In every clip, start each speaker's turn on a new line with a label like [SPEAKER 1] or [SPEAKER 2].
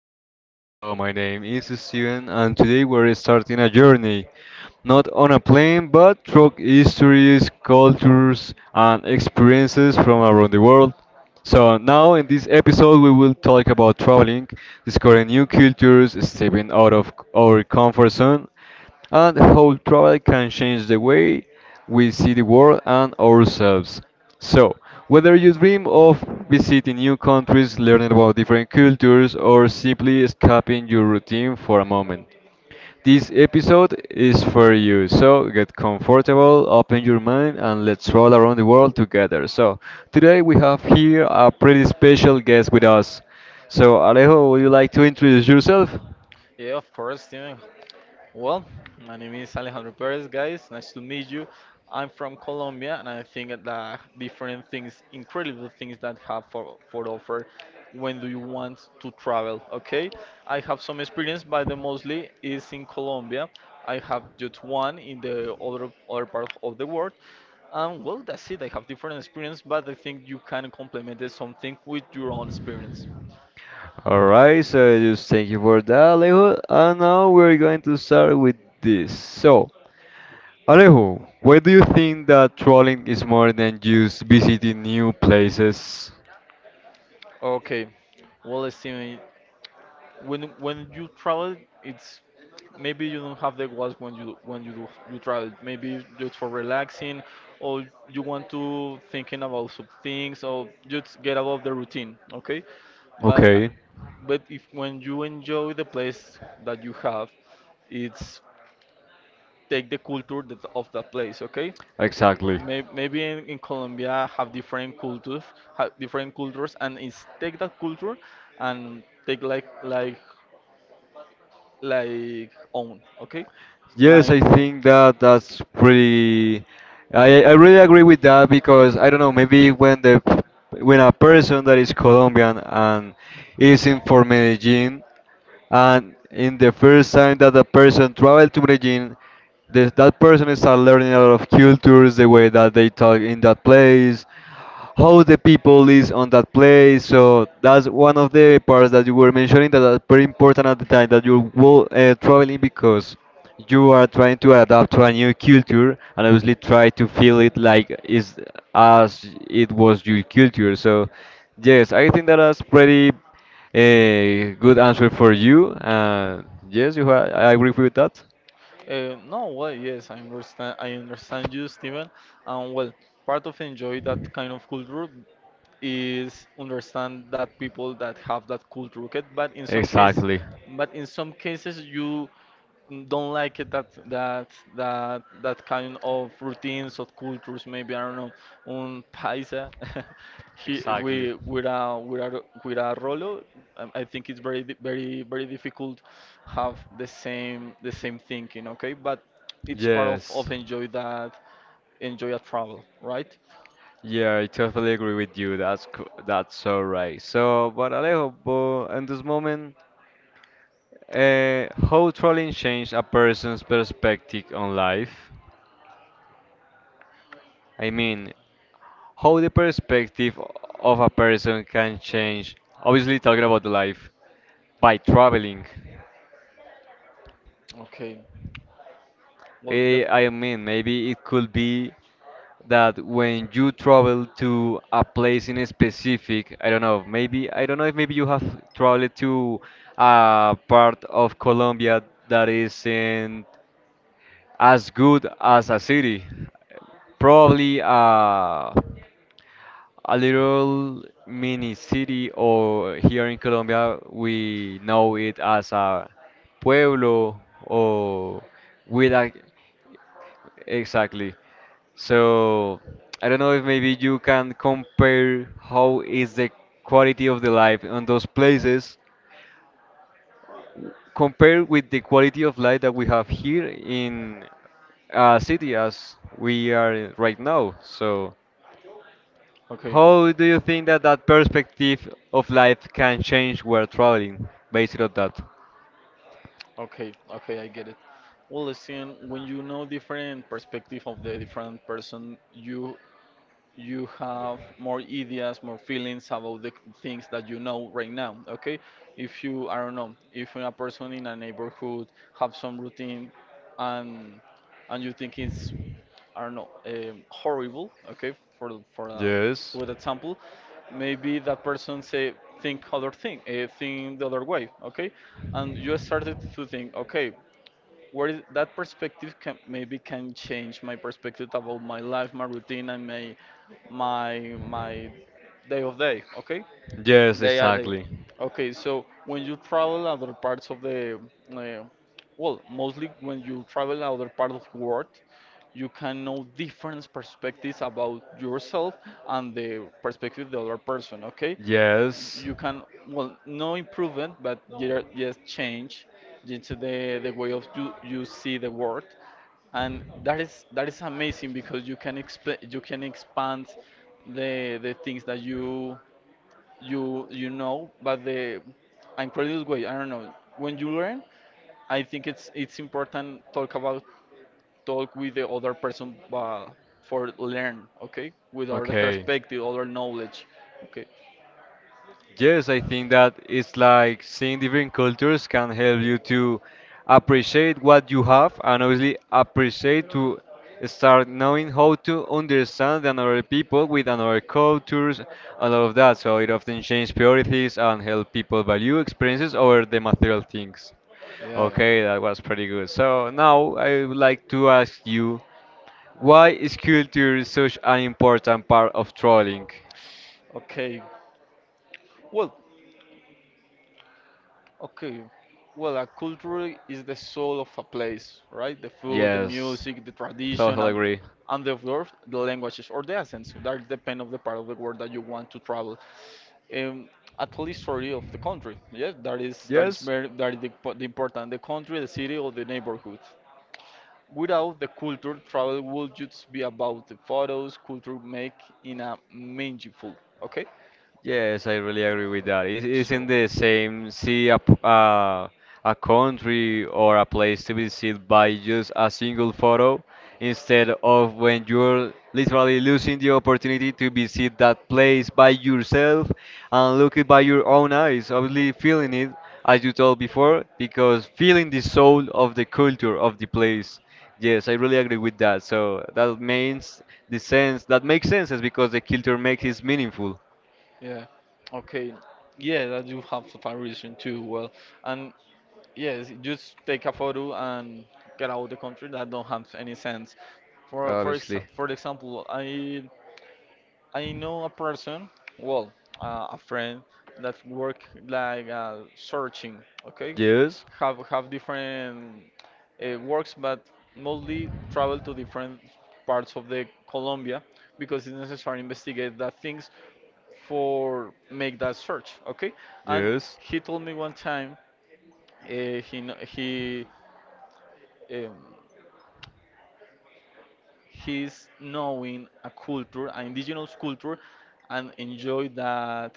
[SPEAKER 1] podcast. So, my name is Steven, and today we're starting a journey, not on a plane, but through histories, cultures, and experiences from around the world. So now in this episode we will talk about traveling, discovering new cultures, stepping out of our comfort zone, and how travel can change the way we see the world and ourselves. So, whether you dream of visiting new countries, learning about different cultures, or simply escaping your routine for a moment, this episode is for you. So get comfortable, open your mind, and let's roll around the world together. So today we have here a pretty special guest with us. So Alejo, would you like to introduce yourself?
[SPEAKER 2] Yeah, of course, Steven. Well, my name is Alejandro Perez, guys. Nice to meet you. I'm from Colombia, and I think that different things, incredible things that have for offer when do you want to travel, okay? I have some experience, but the mostly is in Colombia. I have just one in the other part of the world. Well, that's it. I have different experience, but I think you can complement it something with your own experience.
[SPEAKER 1] Alright, so just thank you for that, Alejo. And now we're going to start with this. So, Alejo, why do you think that trolling is more than just visiting new places?
[SPEAKER 2] Okay. Well, Steven, when you travel it's maybe you don't have the goals when you do you travel maybe just for relaxing or you want to thinking about some things or just get out of the routine, okay, but
[SPEAKER 1] Okay,
[SPEAKER 2] but if when you enjoy the place that you have it's take the culture that, of that place, okay.
[SPEAKER 1] exactly.
[SPEAKER 2] Maybe in colombia have different cultures, have different cultures, and it's take that culture and take like like own, okay.
[SPEAKER 1] Yes, I
[SPEAKER 2] Line on.
[SPEAKER 1] think that that's pretty. I really agree with that because I don't know maybe when the when a person that is Colombian and is in for Medellin and in the first time that the person travel to Medellin, that person is start learning a lot of cultures, the way that they talk in that place, how the people is on that place. So that's one of the parts that you were mentioning that are very important at the time that you will traveling because you are trying to adapt to a new culture and obviously try to feel it like is as it was your culture. So yes, I think that that's pretty a good answer for you. Yes, you ha I agree with that.
[SPEAKER 2] No, well, yes, I understand, you steven. And well, part of enjoy that kind of culture is understand that people that have that culture, okay, but in some case,
[SPEAKER 1] Exactly.
[SPEAKER 2] but in some cases you don't like it that that kind of routines of cultures, maybe I don't know. Un paisa he
[SPEAKER 1] Exactly.
[SPEAKER 2] we with a with a rolo. I think it's very very difficult have the same thinking, okay, but it's part
[SPEAKER 1] Yes.
[SPEAKER 2] of enjoy that, enjoy a travel, right?
[SPEAKER 1] Yeah, I totally agree with you. That's so right. So, but Alejo, but in this moment, how trolling changed a person's perspective on life? I mean, how the perspective of a person can change, obviously talking about the life, by traveling.
[SPEAKER 2] Okay, well, the
[SPEAKER 1] I mean, maybe it could be that when you travel to a place in a specific, I don't know, maybe I don't know if maybe you have traveled to a part of Colombia that isn't as good as a city. Probably a little mini city, or here in Colombia we know it as a pueblo, or with a exactly. So I don't know if maybe you can compare how is the quality of the life on those places compared with the quality of life that we have here in a city as we are right now. So
[SPEAKER 2] okay.
[SPEAKER 1] how do you think that that perspective of life can change while traveling based on that?
[SPEAKER 2] Okay, okay, I get it. Well, listen, when you know different perspective of the different person, you have more ideas, more feelings about the things that you know right now. Okay, if you, I don't know, if a person in a neighborhood have some routine, and and you think it's, I don't know, horrible. Okay, for a
[SPEAKER 1] Yes.
[SPEAKER 2] good example, maybe that person say think other thing, think the other way. Okay, and you started to think, okay, that perspective can, maybe can, change my perspective about my life, my routine, and my day of day. Okay,
[SPEAKER 1] Yes,
[SPEAKER 2] they are they.
[SPEAKER 1] exactly.
[SPEAKER 2] Okay, so when you travel other parts of the, uh, well, mostly when you travel other parts of the world, you can know different perspectives about yourself and the perspective of the other person. Okay,
[SPEAKER 1] Yes.
[SPEAKER 2] you can, well, no improvement, but yes change into the way of you see the world, and that is amazing because you can exp you can expand the things that you know, but the uncredited way. I don't know, when you learn I think it's important talk about, talk with the other person for learn, okay, with other
[SPEAKER 1] Okay.
[SPEAKER 2] perspective, other knowledge, okay.
[SPEAKER 1] Yes, I think that it's like seeing different cultures can help you to appreciate what you have and obviously appreciate to start knowing how to understand another people with another cultures, a lot of that. So it often changes priorities and help people value experiences over the material things.
[SPEAKER 2] Yeah.
[SPEAKER 1] Okay, that was pretty good. So now I would like to ask you, why is culture such an important part of trolling?
[SPEAKER 2] Okay, well, okay, well, a culture is the soul of a place, right? The food, the
[SPEAKER 1] Yes,
[SPEAKER 2] music, the tradition,
[SPEAKER 1] totally agree.
[SPEAKER 2] and the word, the languages or the accents that depend on the part of the world that you want to travel. um, at least story of the country. Yeah, that is
[SPEAKER 1] Yes.
[SPEAKER 2] very, that is the, the important, the country, the city, or the neighborhood. Without the culture, travel would just be about the photos. Culture make in a mangy mangeful. Okay,
[SPEAKER 1] Yes, I really agree with that. It isn't
[SPEAKER 2] so,
[SPEAKER 1] the same see a country or a place to visit by just a single photo instead of when you're literally losing the opportunity to visit that place by yourself and look it by your own eyes, obviously feeling it, as you told before, because feeling the soul of the culture of the place. Yes, I really agree with that. So that means the sense that makes sense is because the culture makes it meaningful.
[SPEAKER 2] yeah, okay, yeah, that you have a reason too. Well, and yes, just take a photo and get out of the country. That don't have any sense. For for ex
[SPEAKER 1] Obviously.
[SPEAKER 2] for example, I know a person, well, a friend that work like searching, okay?
[SPEAKER 1] Yes.
[SPEAKER 2] Have different works, but mostly travel to different parts of the Colombia because it's necessary to investigate that things for make that search, okay? And
[SPEAKER 1] Yes.
[SPEAKER 2] he told me one time, he kn- he um, he's knowing a culture, an indigenous culture, and enjoy that,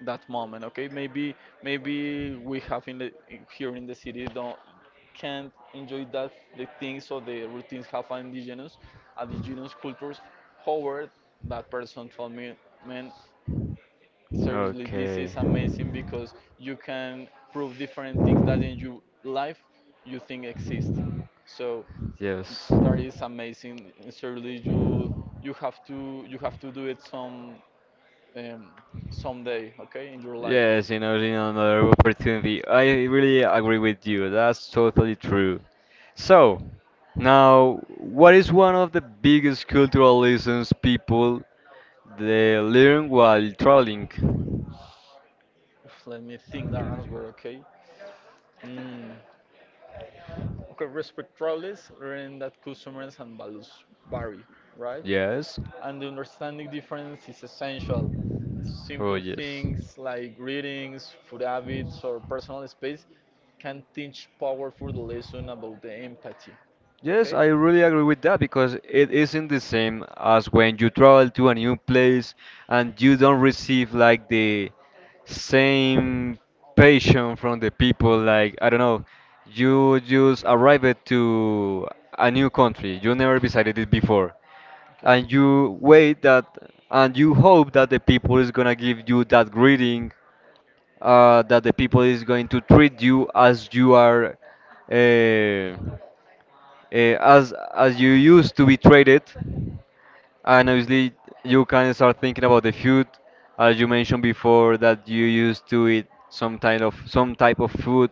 [SPEAKER 2] that moment, okay, maybe maybe we have in the here in the city don't can't enjoy that the things or the routines have an indigenous and indigenous cultures. However, that person told me, man, seriously, this
[SPEAKER 1] Okay.
[SPEAKER 2] is amazing because you can prove different things that in your life you think exist. So
[SPEAKER 1] Yes.
[SPEAKER 2] that is amazing. Certainly you you have to do it some, um, someday, okay, in your life.
[SPEAKER 1] Yes, in another opportunity. I really agree with you. That's totally true. So, now, what is one of the biggest cultural lessons people the living while traveling.
[SPEAKER 2] Let me think the answer, okay? Mm. Okay, respect traules, learning that customers and values vary, right?
[SPEAKER 1] Yes.
[SPEAKER 2] And the understanding difference is essential.
[SPEAKER 1] Oh,
[SPEAKER 2] Simple
[SPEAKER 1] yes.
[SPEAKER 2] things like greetings, food habits, or personal space can teach powerful lesson about the empathy,
[SPEAKER 1] Yes,
[SPEAKER 2] okay?
[SPEAKER 1] I really agree with that because it isn't the same as when you travel to a new place and you don't receive like the same passion from the people. Like, I don't know, you just arrived to a new country, you never visited it before,
[SPEAKER 2] Okay.
[SPEAKER 1] and you wait that and you hope that the people is gonna give you that greeting that the people is going to treat you as you are uh, uh, as you used to be treated and obviously you can start thinking about the food as you mentioned before that you used to eat some kind of some type of food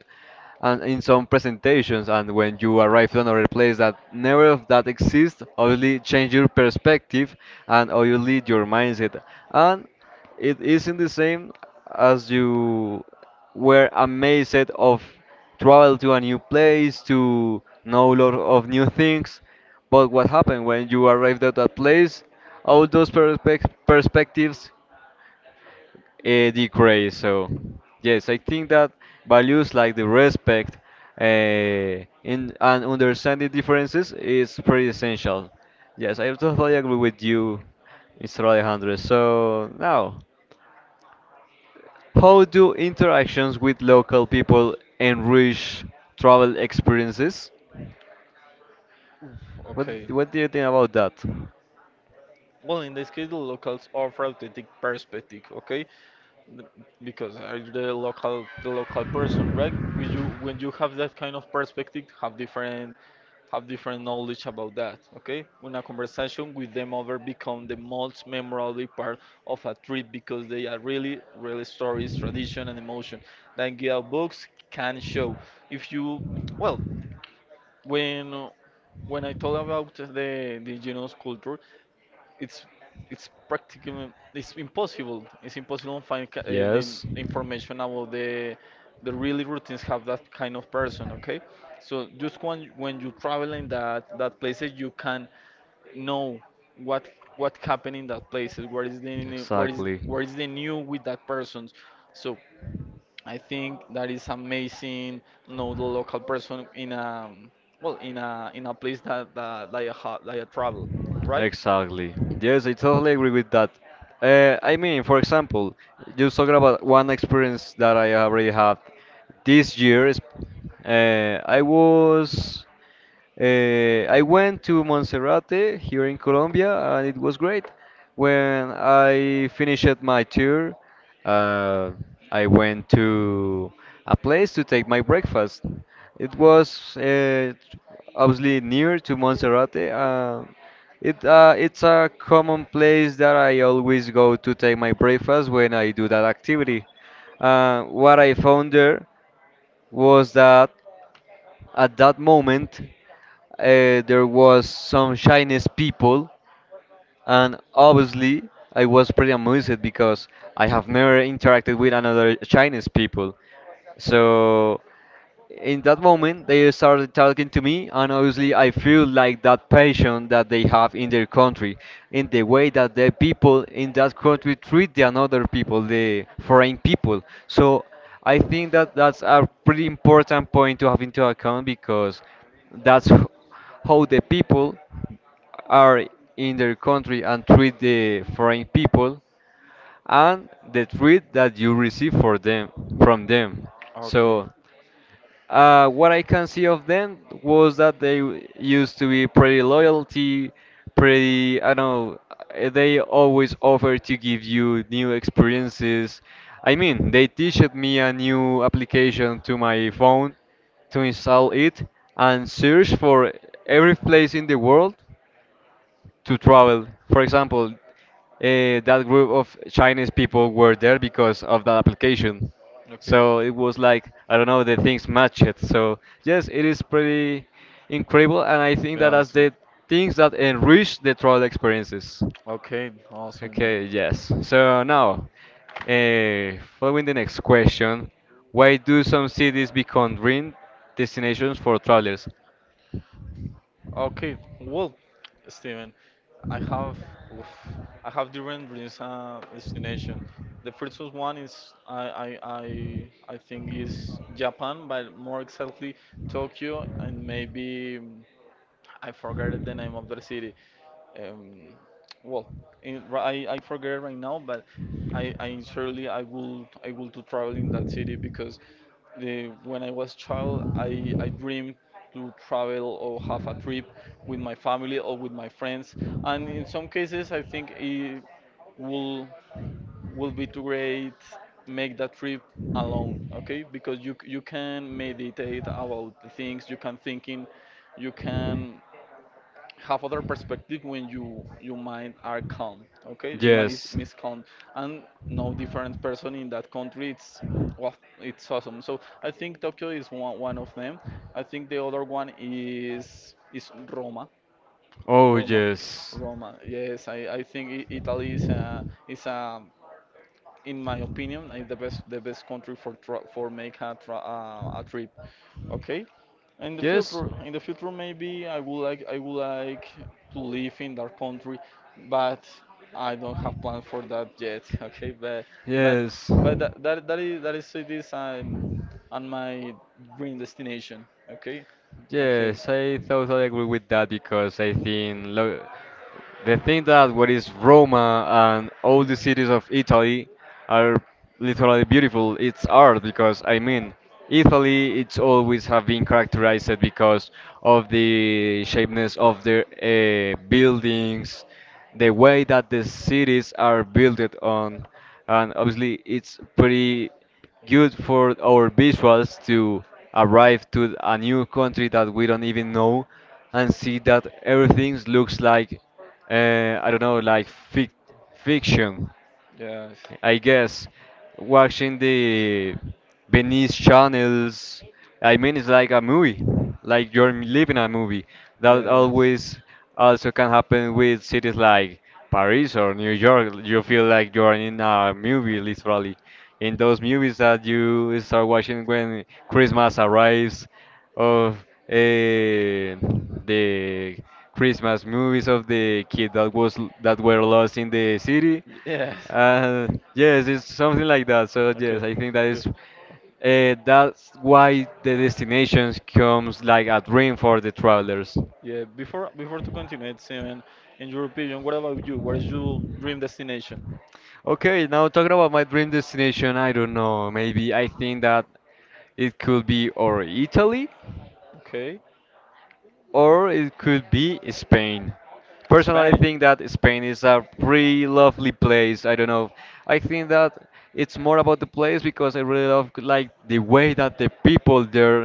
[SPEAKER 1] and in some presentations and when you arrive to another place that never of that exists obviously change your perspective and obviously your mindset and it isn't the same as you were amazed of travel to a new place to know a lot of new things but what happened when you arrived at that place all those perspectives Eddie decrease. So, yes, I think that values like the respect uh, and understanding differences is pretty essential. Yes, I totally agree with you, Mr. Alejandro. So, now, how do interactions with local people enrich travel experiences?
[SPEAKER 2] Okay.
[SPEAKER 1] What do you think about that?
[SPEAKER 2] Well, in this case, the locals offer authentic perspective, okay? Th- Because are the local person, right? When you have that kind of perspective, have different, have different knowledge about that, okay? When a conversation with them over become the most memorable part of a trip because they are really, really stories, tradition, and emotion that guia books can show. If you, well, when when I talk about the indigenous culture, it's it's practically it's impossible. It's impossible to find the
[SPEAKER 1] Yes,
[SPEAKER 2] information about the really routines have that kind of person. Okay, so just when you travel in that that places, you can know what what happened in that places. What is the
[SPEAKER 1] exactly.
[SPEAKER 2] what is the new with that person. So I think that is amazing. Know the local person in a, well, in a place that that, that I ha that I travel, right?
[SPEAKER 1] Exactly. Yes, I totally agree with that. I mean, for example, just talking about one experience that I already had this year, is, I was. I went to Monserrate here in Colombia, and it was great. When I finished my tour, uh, I went to a place to take my breakfast. It was obviously near to Monserrate. It's a common place that I always go to take my breakfast when I do that activity. What I found there was that at that moment, there was some Chinese people, and obviously I was pretty amused because I have never interacted with another Chinese people. So in that moment they started talking to me and obviously I feel like that passion that they have in their country in the way that the people in that country treat the another people, the foreign people. So I think that that's a pretty important point to have into account because that's h- how the people are in their country and treat the foreign people and the treat that you receive for them from them.
[SPEAKER 2] Okay.
[SPEAKER 1] So what I can see of them was that they used to be pretty loyalty, pretty, I don't know, they always offer to give you new experiences. I mean, they teached me a new application to my phone to install it and search for every place in the world to travel. For example, that group of Chinese people were there
[SPEAKER 2] We.
[SPEAKER 1] because of that application.
[SPEAKER 2] Okay.
[SPEAKER 1] So it was like, I don't know, the things matched. So yes, it is pretty incredible, and I think that
[SPEAKER 2] Yeah,
[SPEAKER 1] as
[SPEAKER 2] awesome.
[SPEAKER 1] the things that enrich the travel experiences.
[SPEAKER 2] Okay, awesome, man.
[SPEAKER 1] Okay, yes. So now, following the next question, why do some cities become dream destinations for travelers?
[SPEAKER 2] Okay, well, Steven, I have, oof, I have different dreams, destination. The first one is, I think is Japan, but more exactly Tokyo and maybe, I forgot the name of the city. Um, well, in, I forget right now, but I surely I will, to travel in that city because the, when I was child, I dreamed to travel or have a trip with my family or with my friends. And in some cases, I think it will will be too great make that trip alone, okay? Because you can meditate about the things, you can thinking, you can have other perspective when you mind are calm, okay, your mind
[SPEAKER 1] Yes.
[SPEAKER 2] is calm and no different person in that country, it's, well, it's awesome. So I think Tokyo is one, one of them. I think the other one is Roma,
[SPEAKER 1] Oh,
[SPEAKER 2] Roma,
[SPEAKER 1] yes.
[SPEAKER 2] Roma. Yes, I think Italy is a, is a, in my opinion, is the best, the best country for make a, a trip. Okay.
[SPEAKER 1] Yes.
[SPEAKER 2] In the future, maybe I would like, to live in that country, but I don't have plan for that yet. Okay, but
[SPEAKER 1] Yes,
[SPEAKER 2] but that that, that is, that is it is, on my dream destination. Okay, okay.
[SPEAKER 1] yes, I totally agree with that because I think lo the thing that what is Roma and all the cities of Italy are literally beautiful. It's art because I mean, Italy it's always have been characterized because of the shapeness of their buildings, the way that the cities are built on, and obviously it's pretty good for our visuals to arrive to a new country that we don't even know and see that everything looks like I don't know, like fic fiction.
[SPEAKER 2] Yes,
[SPEAKER 1] I guess watching the Venice channels, I mean, it's like a movie, like you're living a movie. That
[SPEAKER 2] yes.
[SPEAKER 1] always also can happen with cities like Paris or New York. You feel like you're in a movie, literally. In those movies that you start watching when Christmas arrives, of eh, the Christmas movies of the kid that was that were lost in the city.
[SPEAKER 2] Yes.
[SPEAKER 1] Uh, yes, it's something like that. So
[SPEAKER 2] Okay,
[SPEAKER 1] yes, I think that
[SPEAKER 2] good.
[SPEAKER 1] is that's why the destinations comes like a dream for the travelers.
[SPEAKER 2] Yeah, before, before to continue, it's in your opinion, what about you? What is your dream destination?
[SPEAKER 1] Okay, now talking about my dream destination, I don't know. Maybe I think that it could be or Italy
[SPEAKER 2] Okay,
[SPEAKER 1] or it could be Spain. Personally, I
[SPEAKER 2] Spain.
[SPEAKER 1] think that Spain is a pretty lovely place. I don't know. I think that it's more about the place because I really love like the way that the people there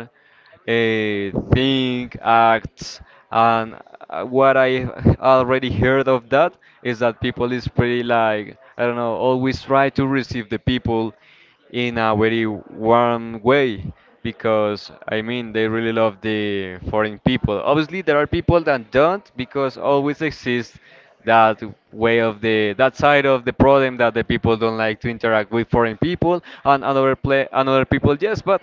[SPEAKER 1] think, act, and what I already heard of that is that people is pretty like I don't know, always try to receive the people in a
[SPEAKER 2] Okay.
[SPEAKER 1] very warm way because I mean they really love the foreign people. Obviously, there are people that don't because always exists that way of the that side of the problem that the people don't like to interact with foreign people and another play another people yes, but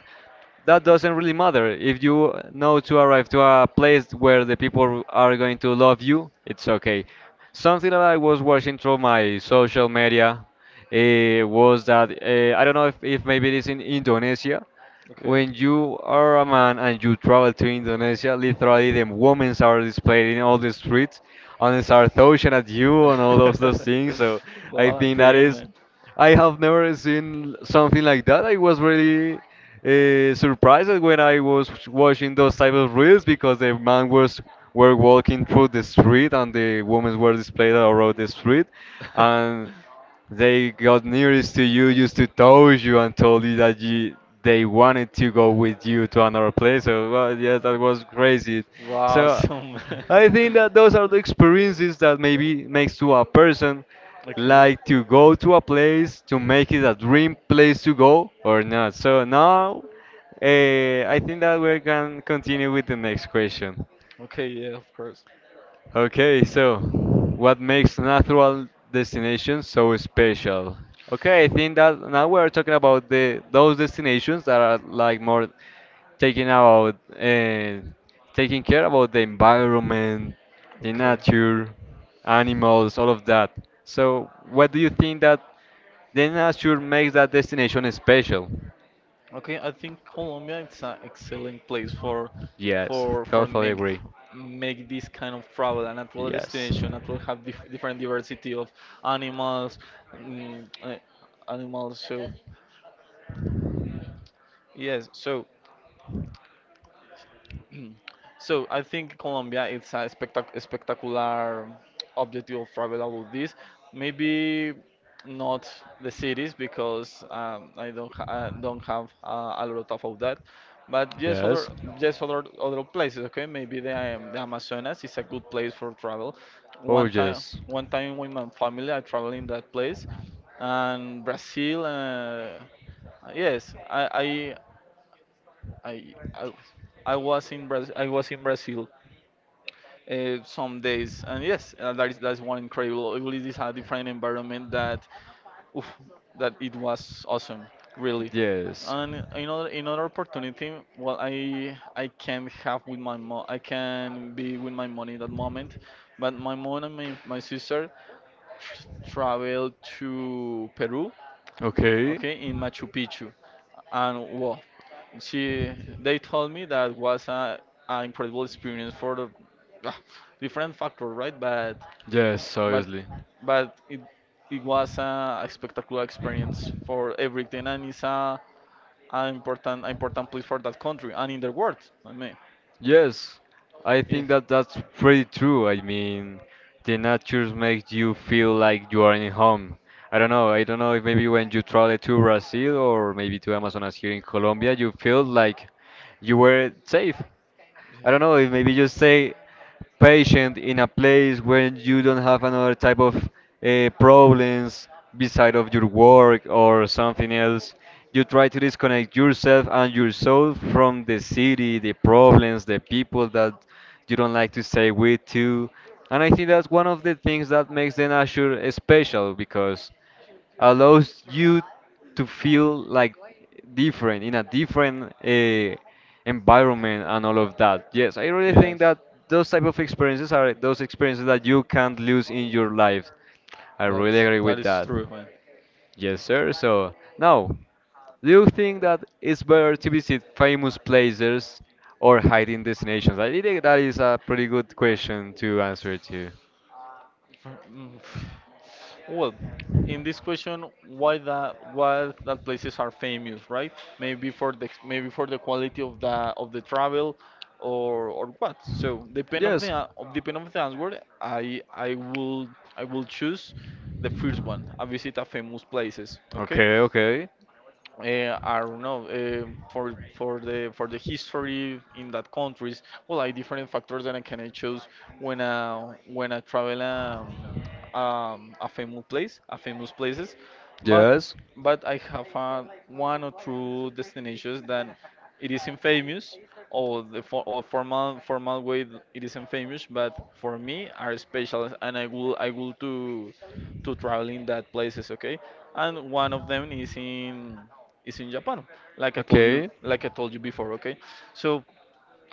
[SPEAKER 1] that doesn't really matter. If you know to arrive to a place where the people are going to love you, it's okay. Something that I was watching through my social media was that I don't know if maybe it is in Indonesia.
[SPEAKER 2] Okay.
[SPEAKER 1] When you are a man and you travel to Indonesia, literally
[SPEAKER 2] Okay.
[SPEAKER 1] the women are displayed in all the streets and they start throwing at you and all those things. So I
[SPEAKER 2] What a
[SPEAKER 1] think that
[SPEAKER 2] dream,
[SPEAKER 1] is.
[SPEAKER 2] man.
[SPEAKER 1] I have never seen something like that. I was really surprised when I was watching those type of reels because the man was were walking through the street and the women were displayed around the street, and they got nearest to you used to touch you and told you that you they wanted to go with you to another place. So well, yes, that was crazy.
[SPEAKER 2] Wow,
[SPEAKER 1] So
[SPEAKER 2] so man.
[SPEAKER 1] I think that those are the experiences that maybe makes to a person
[SPEAKER 2] Okay.
[SPEAKER 1] like to go to a place to make it a dream place to go or not. So now, I think that we can continue with the next question.
[SPEAKER 2] Okay, yeah, of course.
[SPEAKER 1] Okay, so what makes natural destinations so special? Okay, I think that now we're talking about the those destinations that are like more taking about uh, taking care about the environment, the
[SPEAKER 2] Okay.
[SPEAKER 1] nature, animals, all of that. So, what do you think that the nature makes that destination special?
[SPEAKER 2] Okay, I think Colombia it's an excellent place for
[SPEAKER 1] Yes, totally
[SPEAKER 2] make,
[SPEAKER 1] agree.
[SPEAKER 2] make this kind of travel a natural
[SPEAKER 1] Yes.
[SPEAKER 2] destination. It will have different diversity of animals, mm, uh, animals. So yes, so So I think Colombia it's a spectacular objective of travel about this. Maybe not the cities because, I don't ha, I don't have a lot of that, but just
[SPEAKER 1] Yes.
[SPEAKER 2] other, just other places. Okay, maybe the, the Amazonas is a good place for travel.
[SPEAKER 1] Oh,
[SPEAKER 2] One time,
[SPEAKER 1] yes.
[SPEAKER 2] one time with my family I traveled in that place, and Brazil. Yes, I I, I was in Brazil. I was in Brazil some days, and yes, that is, that's one incredible. It really is a different environment that, oof, that it was awesome, really.
[SPEAKER 1] Yes.
[SPEAKER 2] And another opportunity. Well, I can have with my mom. I can be with my mom in that moment, but my mom and my sister tr- traveled to Peru.
[SPEAKER 1] Okay.
[SPEAKER 2] Okay, in Machu Picchu, and, well, she they told me that was a, an incredible experience for the, ah, different factor, right? But
[SPEAKER 1] Yes,
[SPEAKER 2] but
[SPEAKER 1] obviously.
[SPEAKER 2] it, it was a, spectacular experience for everything, and it's a, an important, important place for that country and in the world. I mean,
[SPEAKER 1] Yes, I
[SPEAKER 2] yeah.
[SPEAKER 1] think that that's pretty true. I mean, the nature makes you feel like you are in home. I don't know. I don't know if maybe when you travel to Brazil or maybe to Amazonas here in Colombia, you feel like you were safe. I don't know, if maybe just say patient in a place where you don't have another type of problems beside of your work or something else. You
[SPEAKER 2] Yeah.
[SPEAKER 1] try to disconnect yourself and your soul from the city, the problems, the people that you don't like to stay with too. And I think that's one of the things that makes the Nashur special because allows you to feel like different in a different environment and all of that. Yes, I really think
[SPEAKER 2] Yes.
[SPEAKER 1] that those type of experiences are those experiences that you can't lose in your
[SPEAKER 2] Yes,
[SPEAKER 1] life. I
[SPEAKER 2] like,
[SPEAKER 1] really
[SPEAKER 2] that's,
[SPEAKER 1] agree
[SPEAKER 2] that
[SPEAKER 1] with
[SPEAKER 2] is
[SPEAKER 1] that.
[SPEAKER 2] true, man.
[SPEAKER 1] Yes, sir. So now, do you think that it's better to visit famous places or hiding destinations? I think that is a pretty good question to answer to.
[SPEAKER 2] For- mm, Well, in this question, why that, why that places are famous, right? Maybe for the maybe for the quality of the travel, or or what? So depend of the
[SPEAKER 1] Yes.
[SPEAKER 2] a- of depend of the answer, I I will I will choose the first one. I visit a famous places. Okay
[SPEAKER 1] Okay, okay.
[SPEAKER 2] uh, I don't know, for the for the history in that countries. Well, like different factors that I can choose when I travel a famous place, a famous places, but
[SPEAKER 1] Yes.
[SPEAKER 2] I have one or two destinations that it isn't famous or the for, or formal way, it isn't famous, but for me are special and I will to travel in that places, okay? And one of them is in Japan,
[SPEAKER 1] Okay.
[SPEAKER 2] like I told you before. Okay, so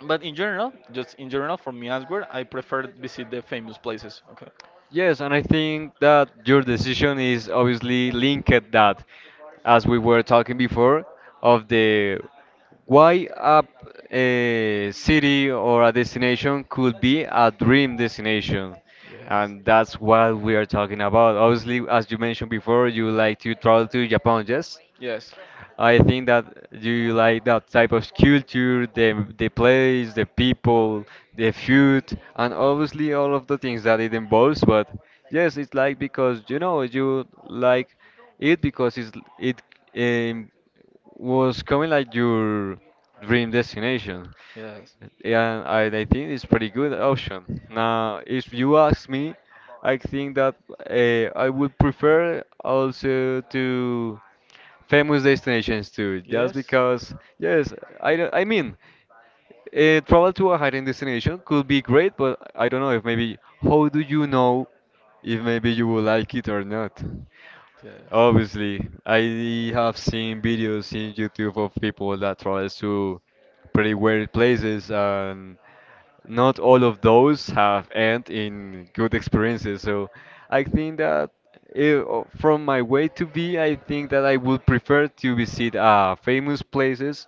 [SPEAKER 2] but in general, just in general, for me as well, I prefer visit the famous places. Okay.
[SPEAKER 1] Yes, and I think that your decision is obviously linked that, as we were talking before, of the why a city or a destination could be a dream destination.
[SPEAKER 2] Yes.
[SPEAKER 1] And that's what we are talking about. Obviously, as you mentioned before, you like to travel to Japan, yes?
[SPEAKER 2] Yes.
[SPEAKER 1] I think that you like that type of culture, the place, the people, the food, and obviously all of the things that it involves. But yes, it's like because you know you like it because it's it um, was coming like your dream destination. Yeah, I think it's pretty good option. Now, if you ask me, I think that I would prefer also to famous destinations too, just
[SPEAKER 2] Yes. Yes.
[SPEAKER 1] because yes, I don't- I mean, travel to a hidden destination could be great, but I don't know if maybe how do you know if maybe you will like it or not?
[SPEAKER 2] Yes.
[SPEAKER 1] Obviously, I have seen videos in YouTube of people that travels to pretty weird places, and not all of those have end in good experiences. So I think that from my way to be, I think that I would prefer to visit famous places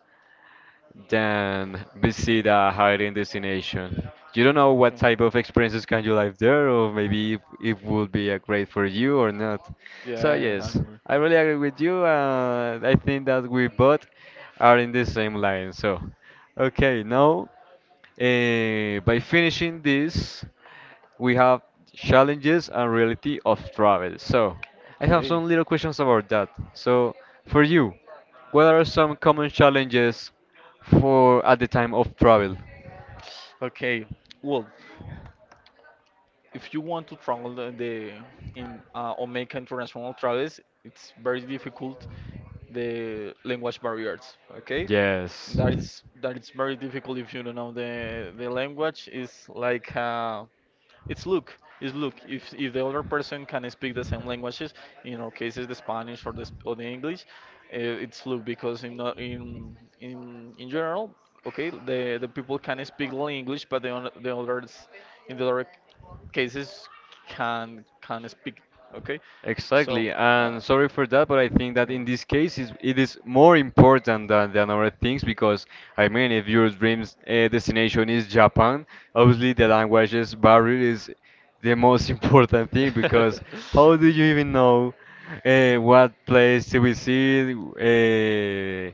[SPEAKER 1] than visit a hiding destination. You don't know what
[SPEAKER 2] Okay.
[SPEAKER 1] type of experiences can you live there, or maybe if it would be a great for you or not. So
[SPEAKER 2] Yeah,
[SPEAKER 1] yes,
[SPEAKER 2] I'm re-
[SPEAKER 1] I really agree with you. I think that we both are in the same line. So, okay, now by finishing this, we have challenges and reality of travel. So, I have
[SPEAKER 2] okay.
[SPEAKER 1] some little questions about that. So, for you, what are some common challenges for at the time of travel?
[SPEAKER 2] Okay. Well, if you want to travel in the in or make international travels, it's very difficult the language barriers, okay?
[SPEAKER 1] Yes.
[SPEAKER 2] That is very difficult if you don't know the language. It's like it's look it's look, if the other person can speak the same languages, in our case it's the spanish or the english. It's look because in general, okay, the people can speak only english, but the others, in the other cases, can speak, okay? So
[SPEAKER 1] Exactly,
[SPEAKER 2] uh,
[SPEAKER 1] and sorry for that, but I think that
[SPEAKER 2] yeah,
[SPEAKER 1] in
[SPEAKER 2] well,
[SPEAKER 1] this case is it is more important than other things because I mean, if your dream's destination is Japan, obviously the languages barrier is the most important thing
[SPEAKER 2] yeah.
[SPEAKER 1] because how do you even know what place to visit?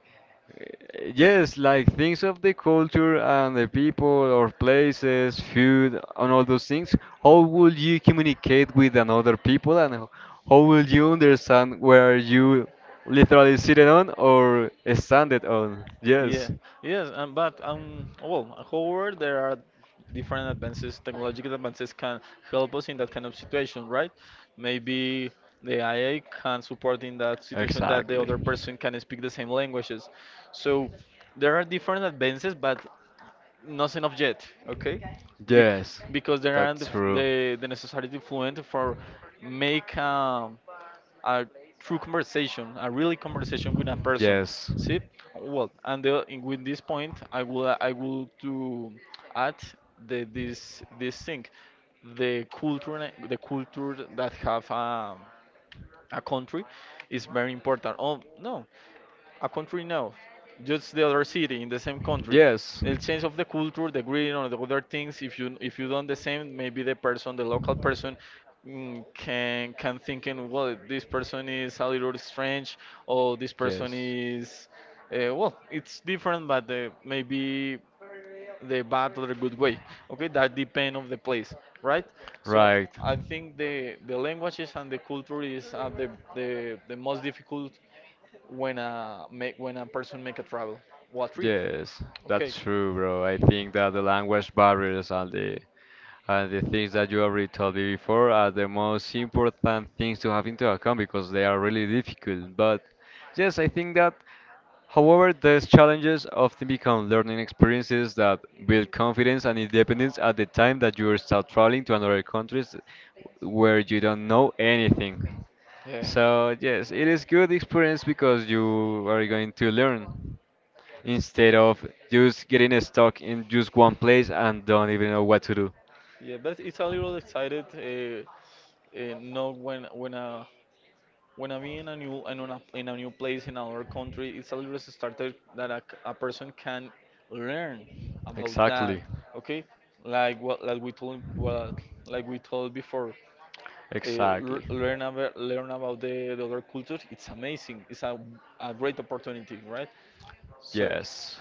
[SPEAKER 1] Yes, like things of the culture and the people or places, food, and all those things. How will you communicate with another people and how will you understand where you literally sitting on or standing on?
[SPEAKER 2] Yeah. Yeah,
[SPEAKER 1] Yes.
[SPEAKER 2] yes, but well, however, there are different advances, technological advances, can help us in that kind of situation, right? Maybe the AI can support in that situation, that the
[SPEAKER 1] Exactly.
[SPEAKER 2] other person can speak the same languages. So there are different advances, but nothing of yet, okay? Bec-
[SPEAKER 1] Yes,
[SPEAKER 2] because there aren't
[SPEAKER 1] that's true.
[SPEAKER 2] the necessary fluent for make a true conversation, a really conversation with a person.
[SPEAKER 1] Yes.
[SPEAKER 2] See? Well, and with this point, I will to add the, this thing. The culture, that have a country, is very important. Oh no, a country, now just the other city in the same country.
[SPEAKER 1] Yes.
[SPEAKER 2] The change of the culture, the greeting, or the other things. If you don't the same, maybe the person, the local person, can thinking, well, this person is a little strange, or this person
[SPEAKER 1] Yes.
[SPEAKER 2] is, well, it's different, but maybe the bad or the good way. Okay, that depend of the place, right? So
[SPEAKER 1] Right.
[SPEAKER 2] I think the languages and the culture is, the most difficult when a person make a travel, what trip?
[SPEAKER 1] Yes,
[SPEAKER 2] Okay.
[SPEAKER 1] that's true, bro. I think that the language barriers and the things that you already told me before are the most important things to have into account because they are really difficult. But yes, I think that, however, these challenges often become learning experiences that build confidence and independence at the time that you start traveling to another countries where you don't know anything.
[SPEAKER 2] Yeah.
[SPEAKER 1] So yes, it is good experience because you are going to learn instead of just getting stuck in just one place and don't even know what to do.
[SPEAKER 2] Yeah, but it's a little excited. No, when I be in a new and in a new place in another country, it's a little started that a person can learn about
[SPEAKER 1] Exactly.
[SPEAKER 2] that. Okay, like we told, what like we told before,
[SPEAKER 1] Exactly.
[SPEAKER 2] learn about, the other cultures. It's amazing. A great opportunity, right? So,
[SPEAKER 1] Yes.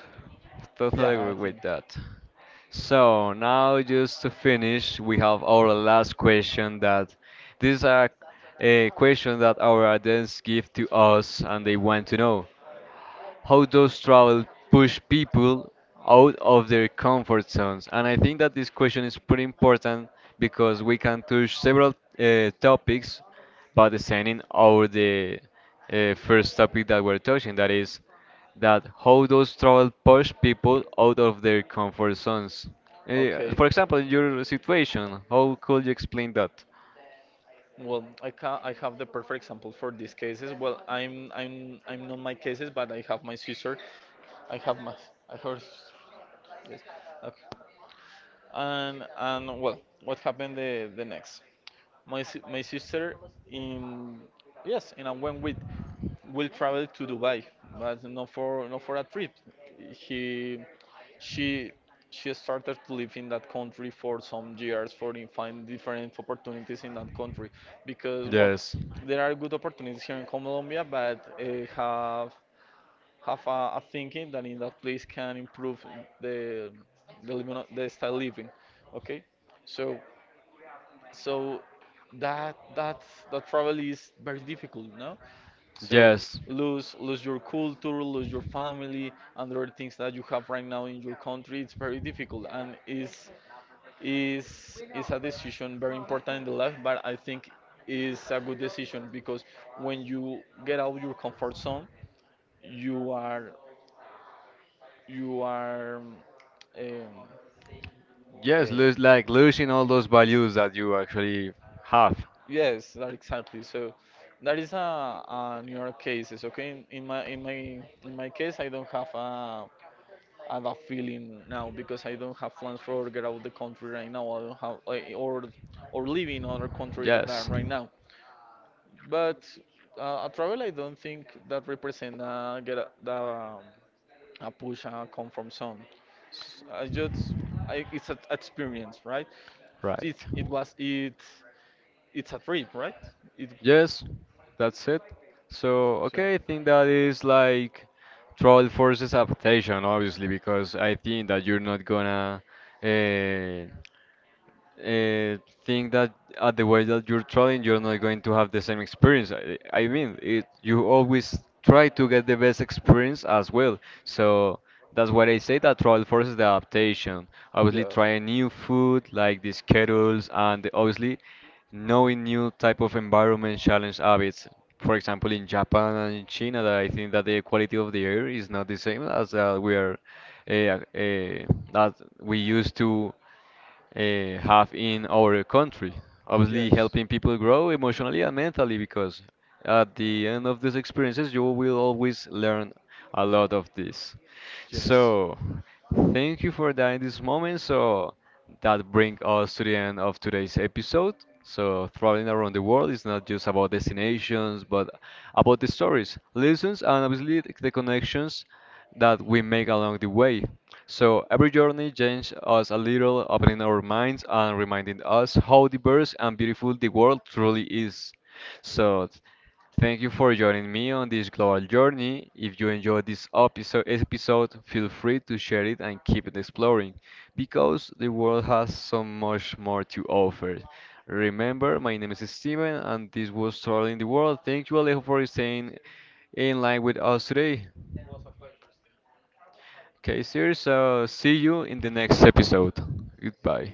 [SPEAKER 1] Totally
[SPEAKER 2] yeah,
[SPEAKER 1] agree
[SPEAKER 2] I think.
[SPEAKER 1] with that. So now, just to finish, we have our last question. That this is a question that our audience give to us, and they want to know. How does travel push people out of their comfort zones? And I think that this question is pretty important because we can touch several topics by designing our the first topic that we're touching, that is that how does travel push people out of their comfort zones?
[SPEAKER 2] Okay.
[SPEAKER 1] For example, in your situation, how could you explain that?
[SPEAKER 2] Well, I have the perfect example for these cases. Well, I'm not my cases, but I have my sister. I have my, I have, yes. Okay. And well, what happened the next? My sister in, yes, in a 1 week will travel to Dubai, but not for a trip. He, she, she started to live in that country for some years, for find different opportunities in that country, because well,
[SPEAKER 1] Yes.
[SPEAKER 2] there are good opportunities here in Colombia, but have a thinking that in that place can improve the the living, the style living. Okay, so, so, that that that travel is very difficult, no? So
[SPEAKER 1] Yes.
[SPEAKER 2] lose your culture, lose your family, and other things that you have right now in your country. It's very difficult, and is is a decision very important in the life. But I think is a good decision, because when you get out your comfort zone, you are you are um,
[SPEAKER 1] Yes,
[SPEAKER 2] Uh,
[SPEAKER 1] lose like losing all those values that you actually have.
[SPEAKER 2] yes, that exactly. So that is a New York cases. Okay, in, in my case, I don't have a, have a feeling now, because I don't have plans for get out of the country right now. I don't have I, or living in other country that
[SPEAKER 1] Yes.
[SPEAKER 2] right now. But a travel, I don't think that represent get a, the, a push come from zone. I just I, it's an experience, right?
[SPEAKER 1] Right.
[SPEAKER 2] It was it. It's a trip, right? It.
[SPEAKER 1] Yes, that's it. So,
[SPEAKER 2] So.
[SPEAKER 1] okay, I think that is like troll forces adaptation, obviously, because I think that you're not gonna uh, uh, think that at the way that you're traveling, you're not going to have the same experience. I mean, it, you always try to get the best experience as well. So that's what I say that travel forces the adaptation. Obviously,
[SPEAKER 2] Yes.
[SPEAKER 1] trying new food like the schedules and obviously knowing new type of environment challenge habits. For example, in Japan and in China,
[SPEAKER 2] Yeah.
[SPEAKER 1] that I think that the quality of the air is not the same as we are uh, uh, that we used to have in our country. Obviously,
[SPEAKER 2] Yes.
[SPEAKER 1] helping people grow emotionally and mentally, because at the end of these experiences, you will always learn a lot of this.
[SPEAKER 2] Yes.
[SPEAKER 1] So, thank you for that in this moment. So, that brings us to the end of today's episode. So, traveling around the world is not just about destinations, but about the stories, lessons, and obviously the connections that we make along the way. So every journey changes us a little, opening our minds and reminding us how diverse and beautiful the world truly is. So thank you for joining me on this global journey. If you enjoyed this episode, feel free to share it and keep it exploring because the world has so much more to offer. Remember, my name is Steven and this was Traveling the World. Thank you, Alejo, for staying in line with us today. Okay, serious. So, see you in the next episode. Goodbye.